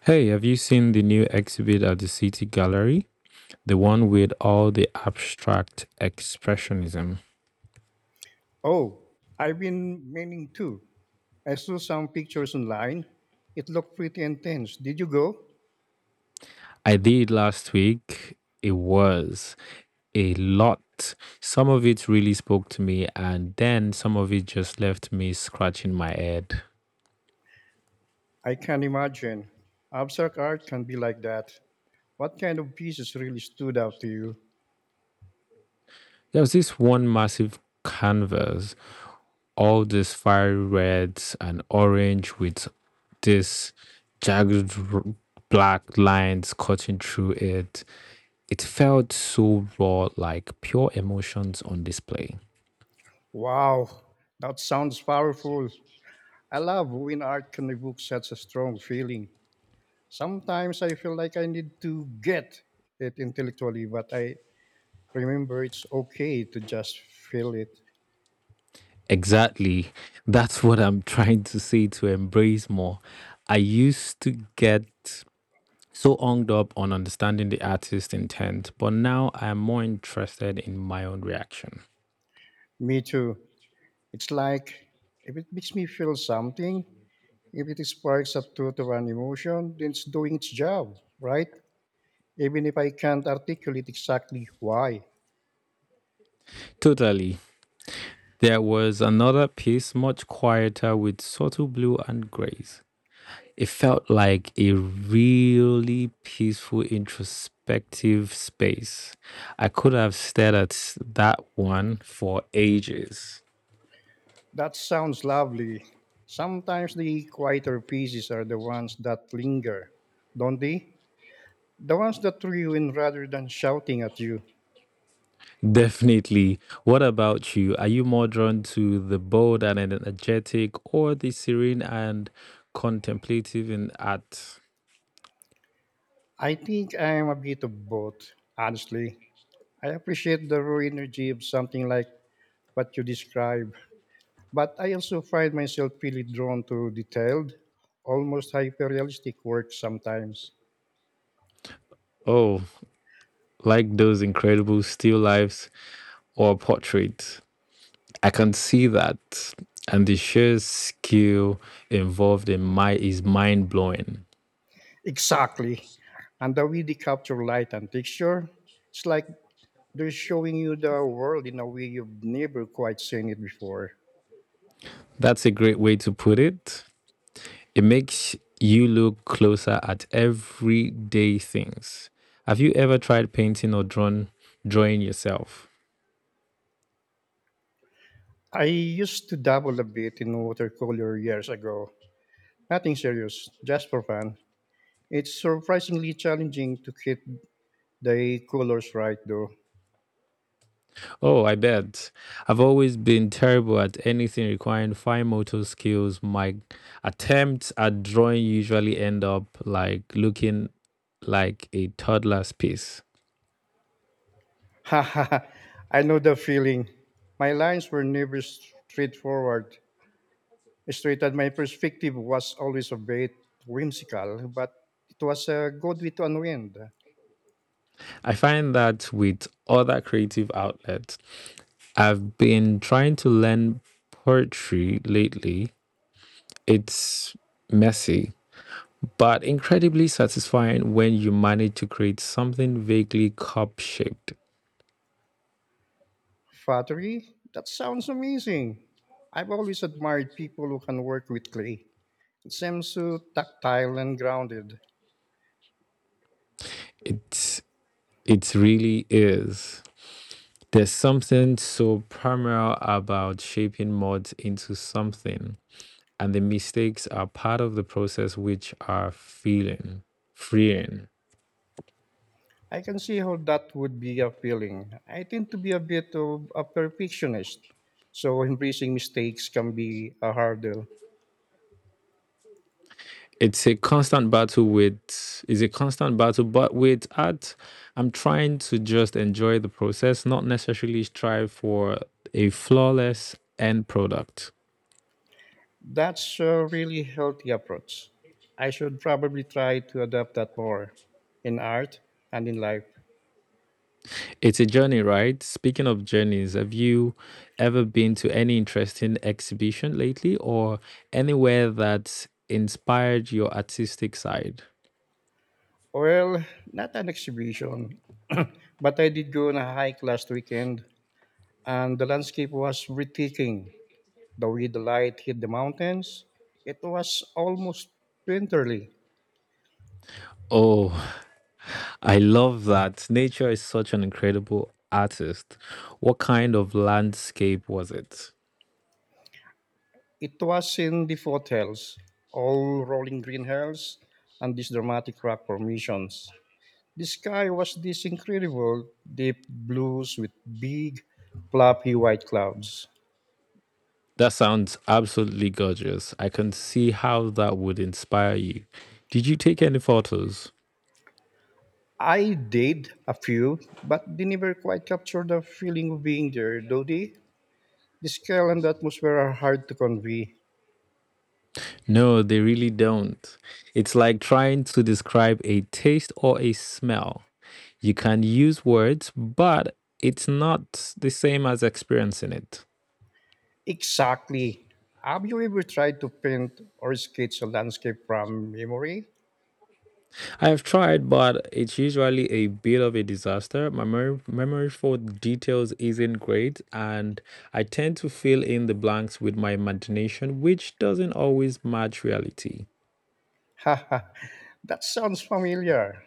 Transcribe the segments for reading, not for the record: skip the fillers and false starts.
Hey, have you seen the new exhibit at the City Gallery? The one with all the abstract expressionism. Oh, I've been meaning to. I saw some pictures online. It looked pretty intense. Did you go? I did last week. It was a lot. Some of it really spoke to me, and then some of it just left me scratching my head. I can imagine. Abstract art can be like that. What kind of pieces really stood out to you? There was this one massive canvas, all these fiery reds and orange with this jagged r- black lines cutting through it. It felt so raw, like pure emotions on display. Wow, that sounds powerful. I love when art can evoke such a strong feeling. Sometimes I feel like I need to get it intellectually, but I remember it's okay to just feel it. Exactly. That's what I'm trying to say to embrace more. I used to get so hung up on understanding the artist's intent, but now I am more interested in my own reaction. Me too. It's like if it makes me feel something, if it sparks a thought or an emotion, then it's doing its job, right? Even if I can't articulate exactly why. Totally. There was another piece, much quieter, with subtle blue and grays. It felt like a really peaceful, introspective space. I could have stared at that one for ages. That sounds lovely. Sometimes the quieter pieces are the ones that linger, don't they? The ones that draw you in rather than shouting at you. Definitely. What about you? Are you more drawn to the bold and energetic or the serene and contemplative in art? I think I am a bit of both, honestly. I appreciate the raw energy of something like what you describe, but I also find myself really drawn to detailed, almost hyper-realistic work sometimes. Oh, like those incredible still lifes or portraits. I can see that. And the sheer skill involved in my is mind blowing. Exactly. And the way they capture light and texture, it's like they're showing you the world in a way you've never quite seen it before. That's a great way to put it. It makes you look closer at everyday things. Have you ever tried painting or drawn drawing yourself? I used to dabble a bit in watercolor years ago. Nothing serious, just for fun. It's surprisingly challenging to get the colors right though. Oh, I bet. I've always been terrible at anything requiring fine motor skills. My attempts at drawing usually end up like looking like a toddler's piece. Ha ha ha. I know the feeling. My lines were never straightforward. Straight and my perspective was always a bit whimsical, but it was a good way to unwind. I find that with other creative outlets, I've been trying to learn poetry lately. It's messy, but incredibly satisfying when you manage to create something vaguely cup shaped. Pottery? That sounds amazing. I've always admired people who can work with clay. It seems so tactile and grounded. It's it really is. There's something so primal about shaping mods into something, and the mistakes are part of the process which are feeling freeing. I can see how that would be appealing. I tend to be a bit of a perfectionist, so embracing mistakes can be a hurdle. it's a constant battle with it's a constant battle but with art, I'm trying to just enjoy the process, not necessarily strive for a flawless end product. That's a really healthy approach. I should probably try to adopt that more in art and in life. It's a journey, right? Speaking of journeys, have you ever been to any interesting exhibition lately or anywhere that inspired your artistic side? Well, not an exhibition, but I did go on a hike last weekend and the landscape was breathtaking. The way the light hit the mountains, it was almost painterly. Oh, I love that. Nature is such an incredible artist. What kind of landscape was it? It was in the foothills, all rolling green hills and these dramatic rock formations. The sky was this incredible deep blues with big, fluffy white clouds. That sounds absolutely gorgeous. I can see how that would inspire you. Did you take any photos? I did a few, but they never quite captured the feeling of being there, do they? The scale and the atmosphere are hard to convey. No, they really don't. It's like trying to describe a taste or a smell. You can use words, but it's not the same as experiencing it. Exactly. Have you ever tried to paint or sketch a landscape from memory? I've tried, but it's usually a bit of a disaster. My memory for details isn't great, and I tend to fill in the blanks with my imagination, which doesn't always match reality. Haha, that sounds familiar.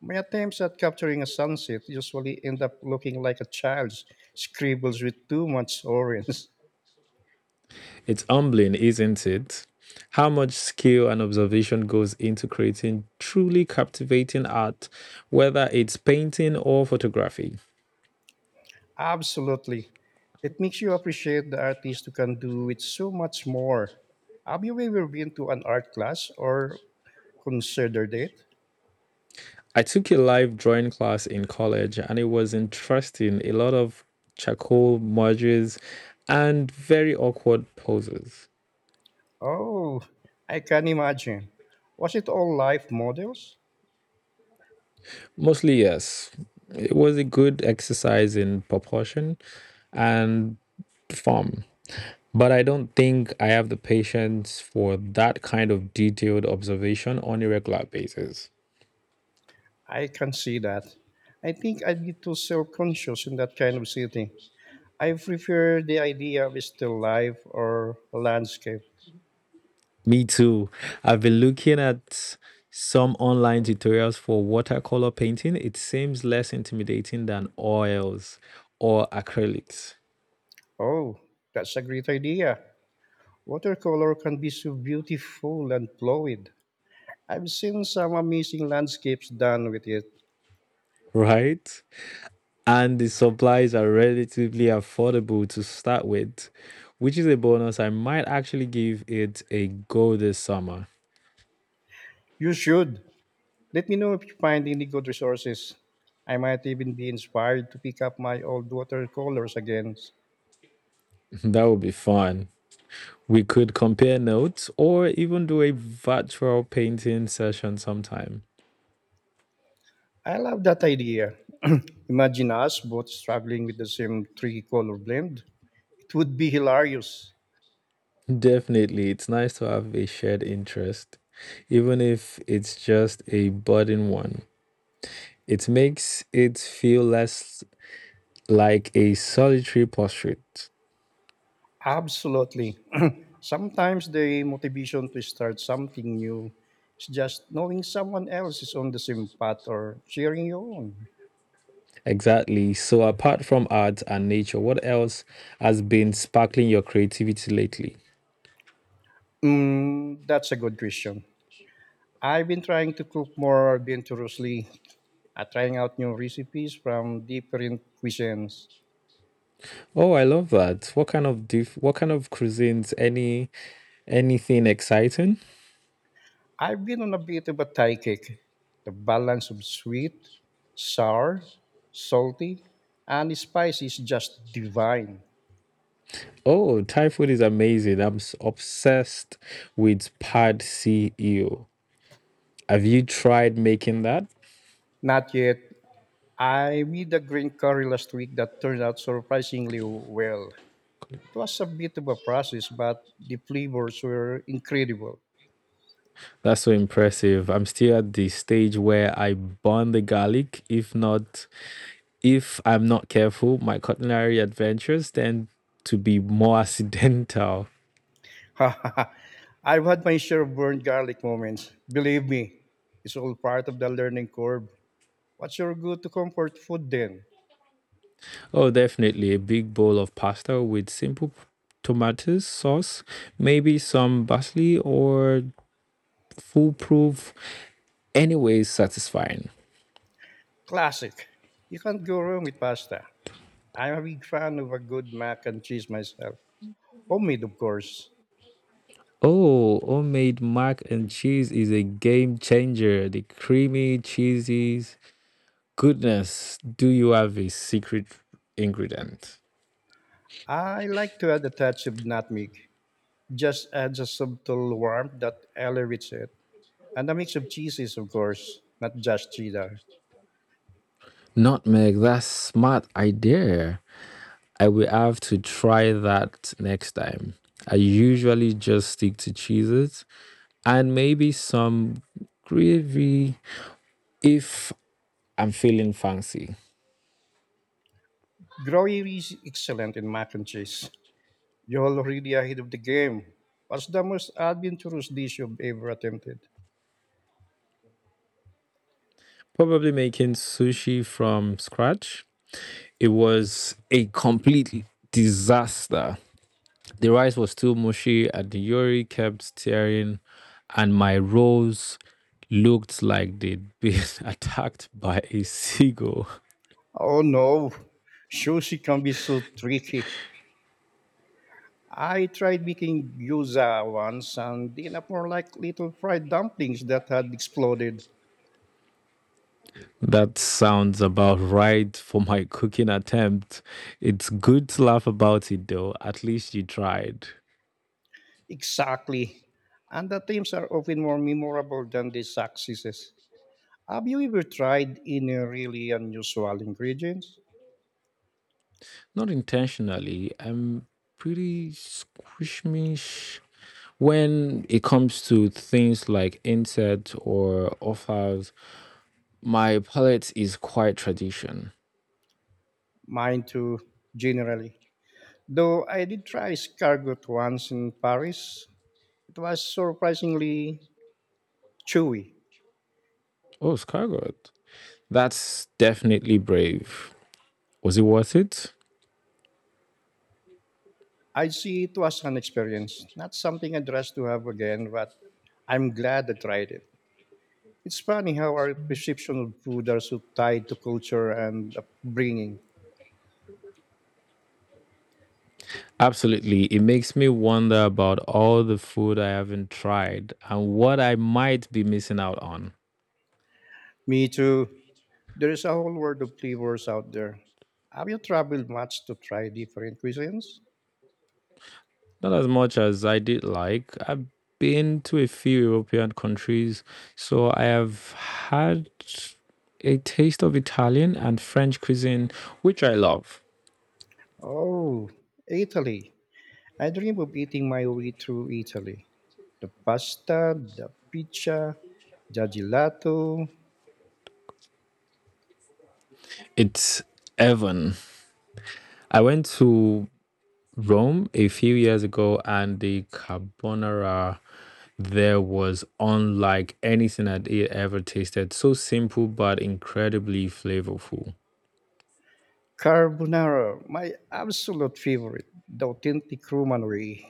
My attempts at capturing a sunset usually end up looking like a child's scribbles with too much orange. It's humbling, isn't it? How much skill and observation goes into creating truly captivating art, whether it's painting or photography. Absolutely. It makes you appreciate the artist who can do it so much more. Have you ever been to an art class or considered it? I took a live drawing class in college and it was interesting. A lot of charcoal merges and very awkward poses. Oh, I can imagine. Was it all live models? Mostly, yes. It was a good exercise in proportion and form. But I don't think I have the patience for that kind of detailed observation on a regular basis. I can see that. I think I'd be too self conscious in that kind of setting. I prefer the idea of still life or landscape. Me too. I've been looking at some online tutorials for watercolor painting. It seems less intimidating than oils or acrylics, Oh, that's a great idea. Watercolor can be so beautiful and fluid. I've seen some amazing landscapes done with it. right? And the supplies are relatively affordable to start with, which is a bonus. I might actually give it a go this summer. You should. Let me know if you find any good resources. I might even be inspired to pick up my old watercolors again. That would be fun. We could compare notes or even do a virtual painting session sometime. I love that idea. Imagine us both struggling with the same three color blend. It would be hilarious. Definitely, it's nice to have a shared interest, even if it's just a budding one. It makes it feel less like a solitary pursuit. Absolutely. Sometimes the motivation to start something new is just knowing someone else is on the same path or sharing your own. Exactly. So, apart from art and nature, what else has been sparkling your creativity lately? Mm, that's a good question. I've been trying to cook more adventurously, trying out new recipes from different cuisines. Oh, I love that. What kind of what kind of cuisines? Any anything exciting? I've been on a bit of a Thai kick. The balance of sweet, sour, salty, and spicy is just divine. Oh, Thai food is amazing. Obsessed with pad see ew. Have you tried making that? Not yet. I made a green curry last week that turned out surprisingly well. It was a bit of a process, but the flavors were incredible. That's so impressive. I'm still at the stage where I burn the garlic. If I'm not careful, my culinary adventures tend to be more accidental. I've had my share of burned garlic moments. Believe me, it's all part of the learning curve. What's your go-to comfort food then? Oh, definitely a big bowl of pasta with simple tomatoes sauce, maybe some parsley or foolproof. Anyways, satisfying. Classic. You can't go wrong with pasta. I'm a big fan of a good mac and cheese myself. Homemade, of course. Oh, homemade mac and cheese is a game changer. The creamy cheeses goodness, do you have a secret ingredient? I like to add a touch of nutmeg. Just adds a subtle warmth that elevates it. And a mix of cheeses, of course, not just cheddar. Nutmeg, that's smart idea. I will have to try that next time. I usually just stick to cheeses and maybe some gravy if I'm feeling fancy. Gruyere is excellent in mac and cheese. You're already ahead of the game. What's the most adventurous dish you've ever attempted? Probably making sushi from scratch. It was a complete disaster. The rice was still mushy and the Yuri kept staring, and my rolls looked like they'd been attacked by a seagull. Oh no, sushi can be so tricky. I tried making gyoza once and ended up more like little fried dumplings that had exploded. That sounds about right for my cooking attempt. It's good to laugh about it though, at least you tried. Exactly. And the themes are often more memorable than the successes. Have you ever tried any really unusual ingredients? Not intentionally, I'm pretty squishmish when it comes to things like insects or offals. My palate is quite tradition. Mine too, generally. Though I did try escargot once in Paris, it was surprisingly chewy. Oh, Skyguard. That's definitely brave. Was it worth it? I see it was an experience, not something I'd rush to have again, but I'm glad I tried it. It's funny how our perception of food are so tied to culture and upbringing. Absolutely. It makes me wonder about all the food I haven't tried and what I might be missing out on. Me too. There is a whole world of flavors out there. Have you traveled much to try different cuisines? Not as much as I did like. I've been to a few European countries, so I have had a taste of Italian and French cuisine, which I love. Oh, Italy. I dream of eating my way through Italy. The pasta, the pizza, the gelato. It's Evan. I went to Rome a few years ago, and the carbonara there was unlike anything I'd ever tasted. So simple but incredibly flavorful. Carbonara, my absolute favorite, the authentic Roman way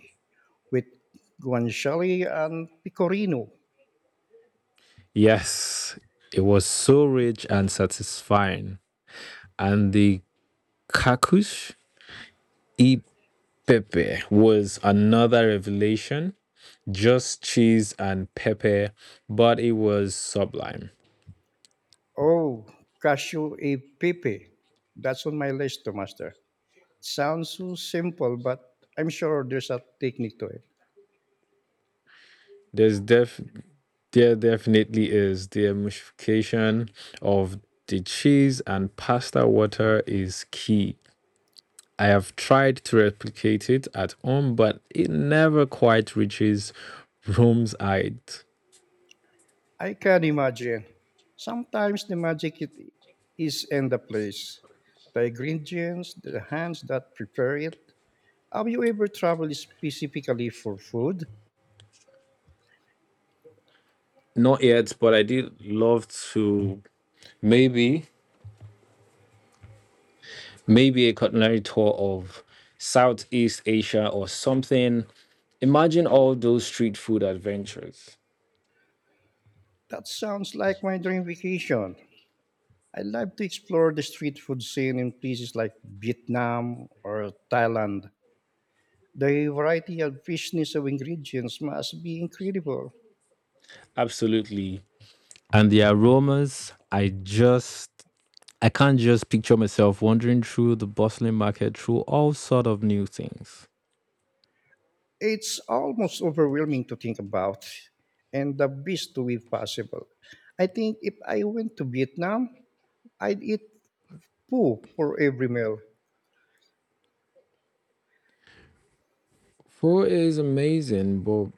with guanciale and pecorino. Yes, it was so rich and satisfying. And the kakush e pepe was another revelation. Just cheese and pepper, but it was sublime. Oh, cashew e pepe. That's on my list to master. Sounds so simple, but I'm sure there's a technique to it. There's def There definitely is. The emulsification of the cheese and pasta water is key. I have tried to replicate it at home, but it never quite reaches Rome's height. I can imagine. Sometimes the magic it is in the place, the ingredients, the hands that prepare it. Have you ever traveled specifically for food? Not yet, but I did love to maybe a culinary tour of Southeast Asia or something. Imagine all those street food adventures. That sounds like my dream vacation. I'd love to explore the street food scene in places like Vietnam or Thailand. The variety and richness of ingredients must be incredible. Absolutely. And the aromas, I can't just picture myself wandering through the bustling market through all sort of new things. It's almost overwhelming to think about, and the best to be possible. I think if I went to Vietnam, I'd eat pho for every meal. Four is amazing, but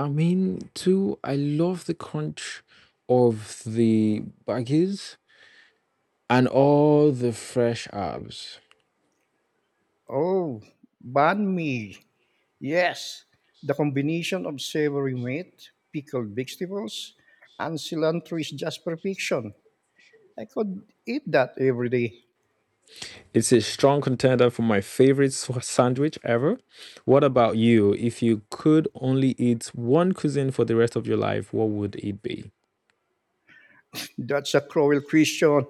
I mean, two, I love the crunch of the baggies and all the fresh herbs. Oh, banh mi. Yes, the combination of savory meat, pickled vegetables, and cilantro is just perfection. I could eat that every day. It's a strong contender for my favorite sandwich ever. What about you? If you could only eat one cuisine for the rest of your life, what would it be? That's a cruel question.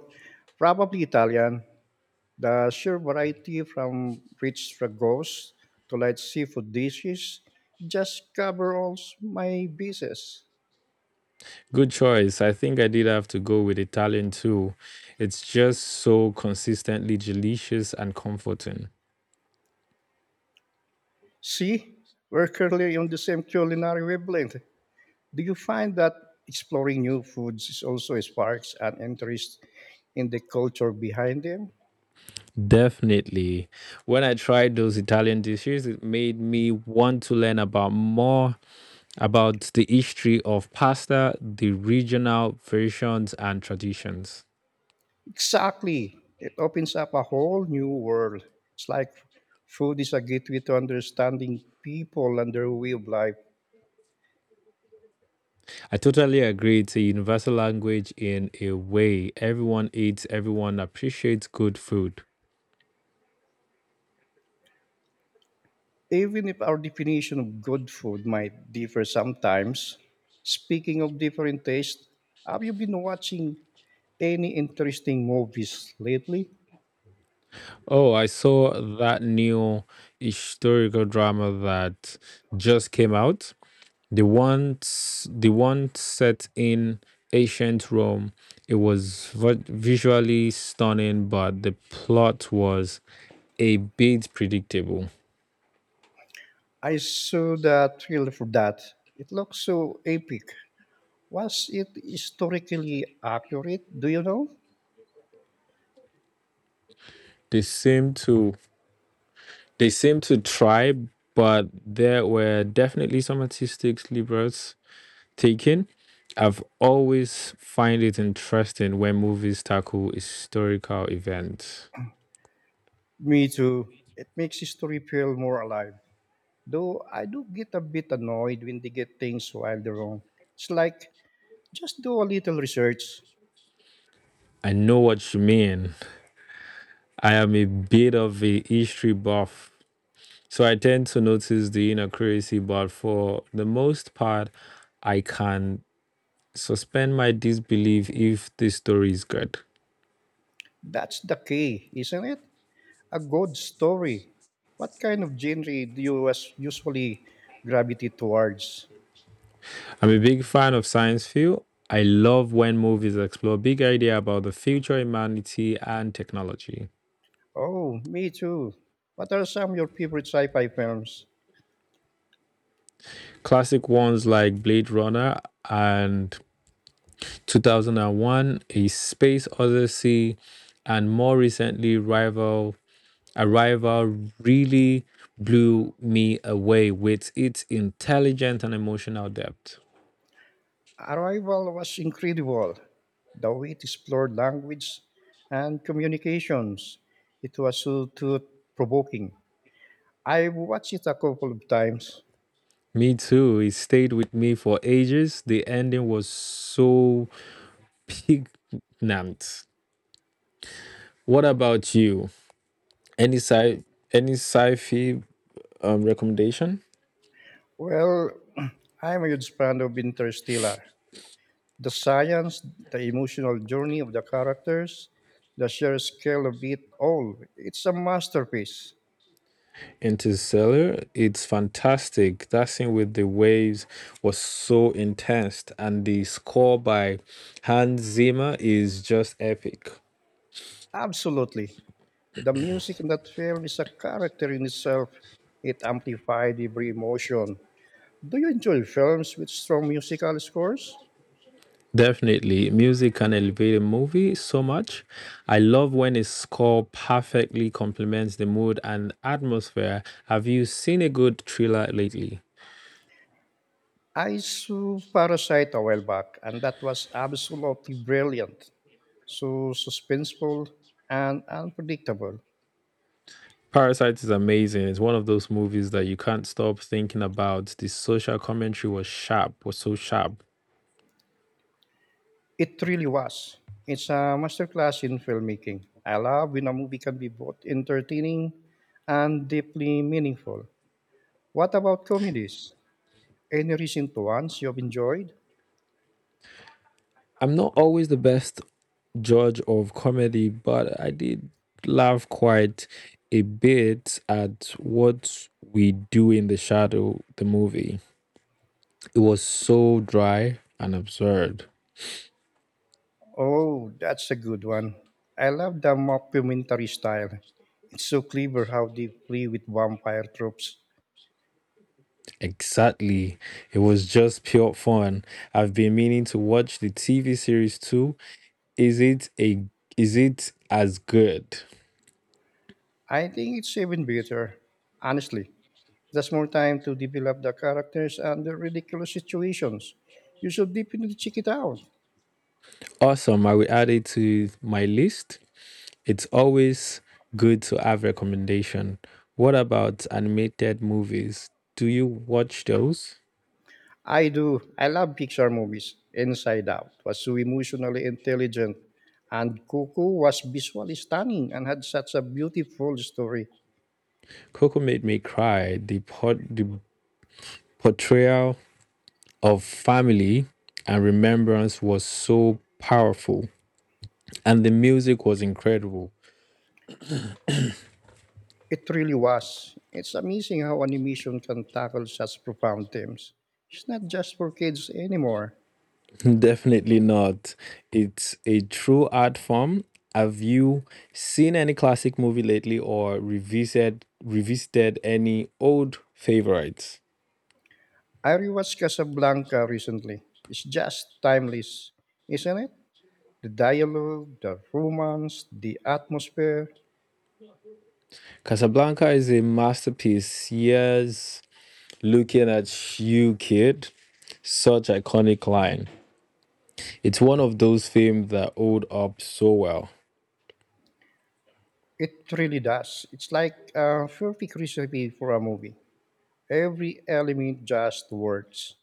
Probably Italian. The sheer variety from rich stragos to light seafood dishes just cover all my bases. Good choice. I think I did have to go with Italian too. It's just so consistently delicious and comforting. See, we're currently on the same culinary wavelength. Do you find that exploring new foods is also sparks an interest and the culture behind them. Definitely. When I tried those Italian dishes, it made me want to learn about more about the history of pasta, the regional versions and traditions. Exactly. It opens up a whole new world. It's like food is a gateway to understanding people and their way of life. I totally agree. It's a universal language in a way. Everyone eats, everyone appreciates good food. Even if our definition of good food might differ sometimes, speaking of different tastes, have you been watching any interesting movies lately? Oh, I saw that new historical drama that just came out. The one set in ancient Rome. It was visually stunning, but the plot was a bit predictable. I saw that trailer for that. It looks so epic. Was it historically accurate? Do you know? They seemed to they seemed to try, but there were definitely some artistic liberties taken. I've always find it interesting when movies tackle historical events. Me too. It makes history feel more alive. Though I do get a bit annoyed when they get things wildly wrong. It's like, just do a little research. I know what you mean. I am a bit of a history buff, so I tend to notice the inaccuracy, but for the most part, I can suspend my disbelief if the story is good. That's the key, isn't it? A good story. What kind of genre do you usually gravitate towards? I'm a big fan of science fiction. I love when movies explore big idea about the future, humanity, and technology. Oh, me too. What are some of your favorite sci fi films? Classic ones like Blade Runner and 2001, A Space Odyssey, and more recently, Rival. Arrival really blew me away with its intelligent and emotional depth. Arrival was incredible. Though it explored language and communications, it was so thought-provoking. I watched it a couple of times. Me too. It stayed with me for ages. The ending was so poignant. What about you? Any sci any sci-fi recommendation? Well, I'm a huge fan of Interstellar. The science, the emotional journey of the characters, the sheer scale of it all. It's a masterpiece. Interstellar, it's fantastic. That scene with the waves was so intense, and the score by Hans Zimmer is just epic. Absolutely. The music in that film is a character in itself. It amplified every emotion. Do you enjoy films with strong musical scores? Definitely, music can elevate a movie so much. I love when a score perfectly complements the mood and atmosphere. Have you seen a good thriller lately? I saw Parasite a while back, and that was absolutely brilliant. So suspenseful and unpredictable. Parasite is amazing. It's one of those movies that you can't stop thinking about. The social commentary was sharp, was so sharp. It really was. It's a masterclass in filmmaking. I love when a movie can be both entertaining and deeply meaningful. What about comedies? Any recent ones you've enjoyed? I'm not always the best judge of comedy, but I did laugh quite a bit at what we do in the shadow, the movie. It was so dry and absurd. Oh, that's a good one. I love the mockumentary style. It's so clever how they play with vampire tropes. Exactly. It was just pure fun. I've been meaning to watch the TV series too. Is it a is it as good? I think it's even better. Honestly, there's more time to develop the characters and the ridiculous situations. You should definitely check it out. Awesome. I will add it to my list. It's always good to have recommendation. What about animated movies? Do you watch those? I do. I love Pixar movies. Inside Out was so emotionally intelligent, and Coco was visually stunning and had such a beautiful story. Coco made me cry. The portrayal of family and remembrance was so powerful, and the music was incredible. It really was. It's amazing how animation can tackle such profound themes. It's not just for kids anymore. Definitely not. It's a true art form. Have you seen any classic movie lately, or revisited any old favorites? I rewatched Casablanca recently. It's just timeless, isn't it? The dialogue, the romance, the atmosphere. Casablanca is a masterpiece. Here's looking at you, kid. Such iconic line. It's one of those films that hold up so well. It really does. It's like a perfect recipe for a movie. Every element just works.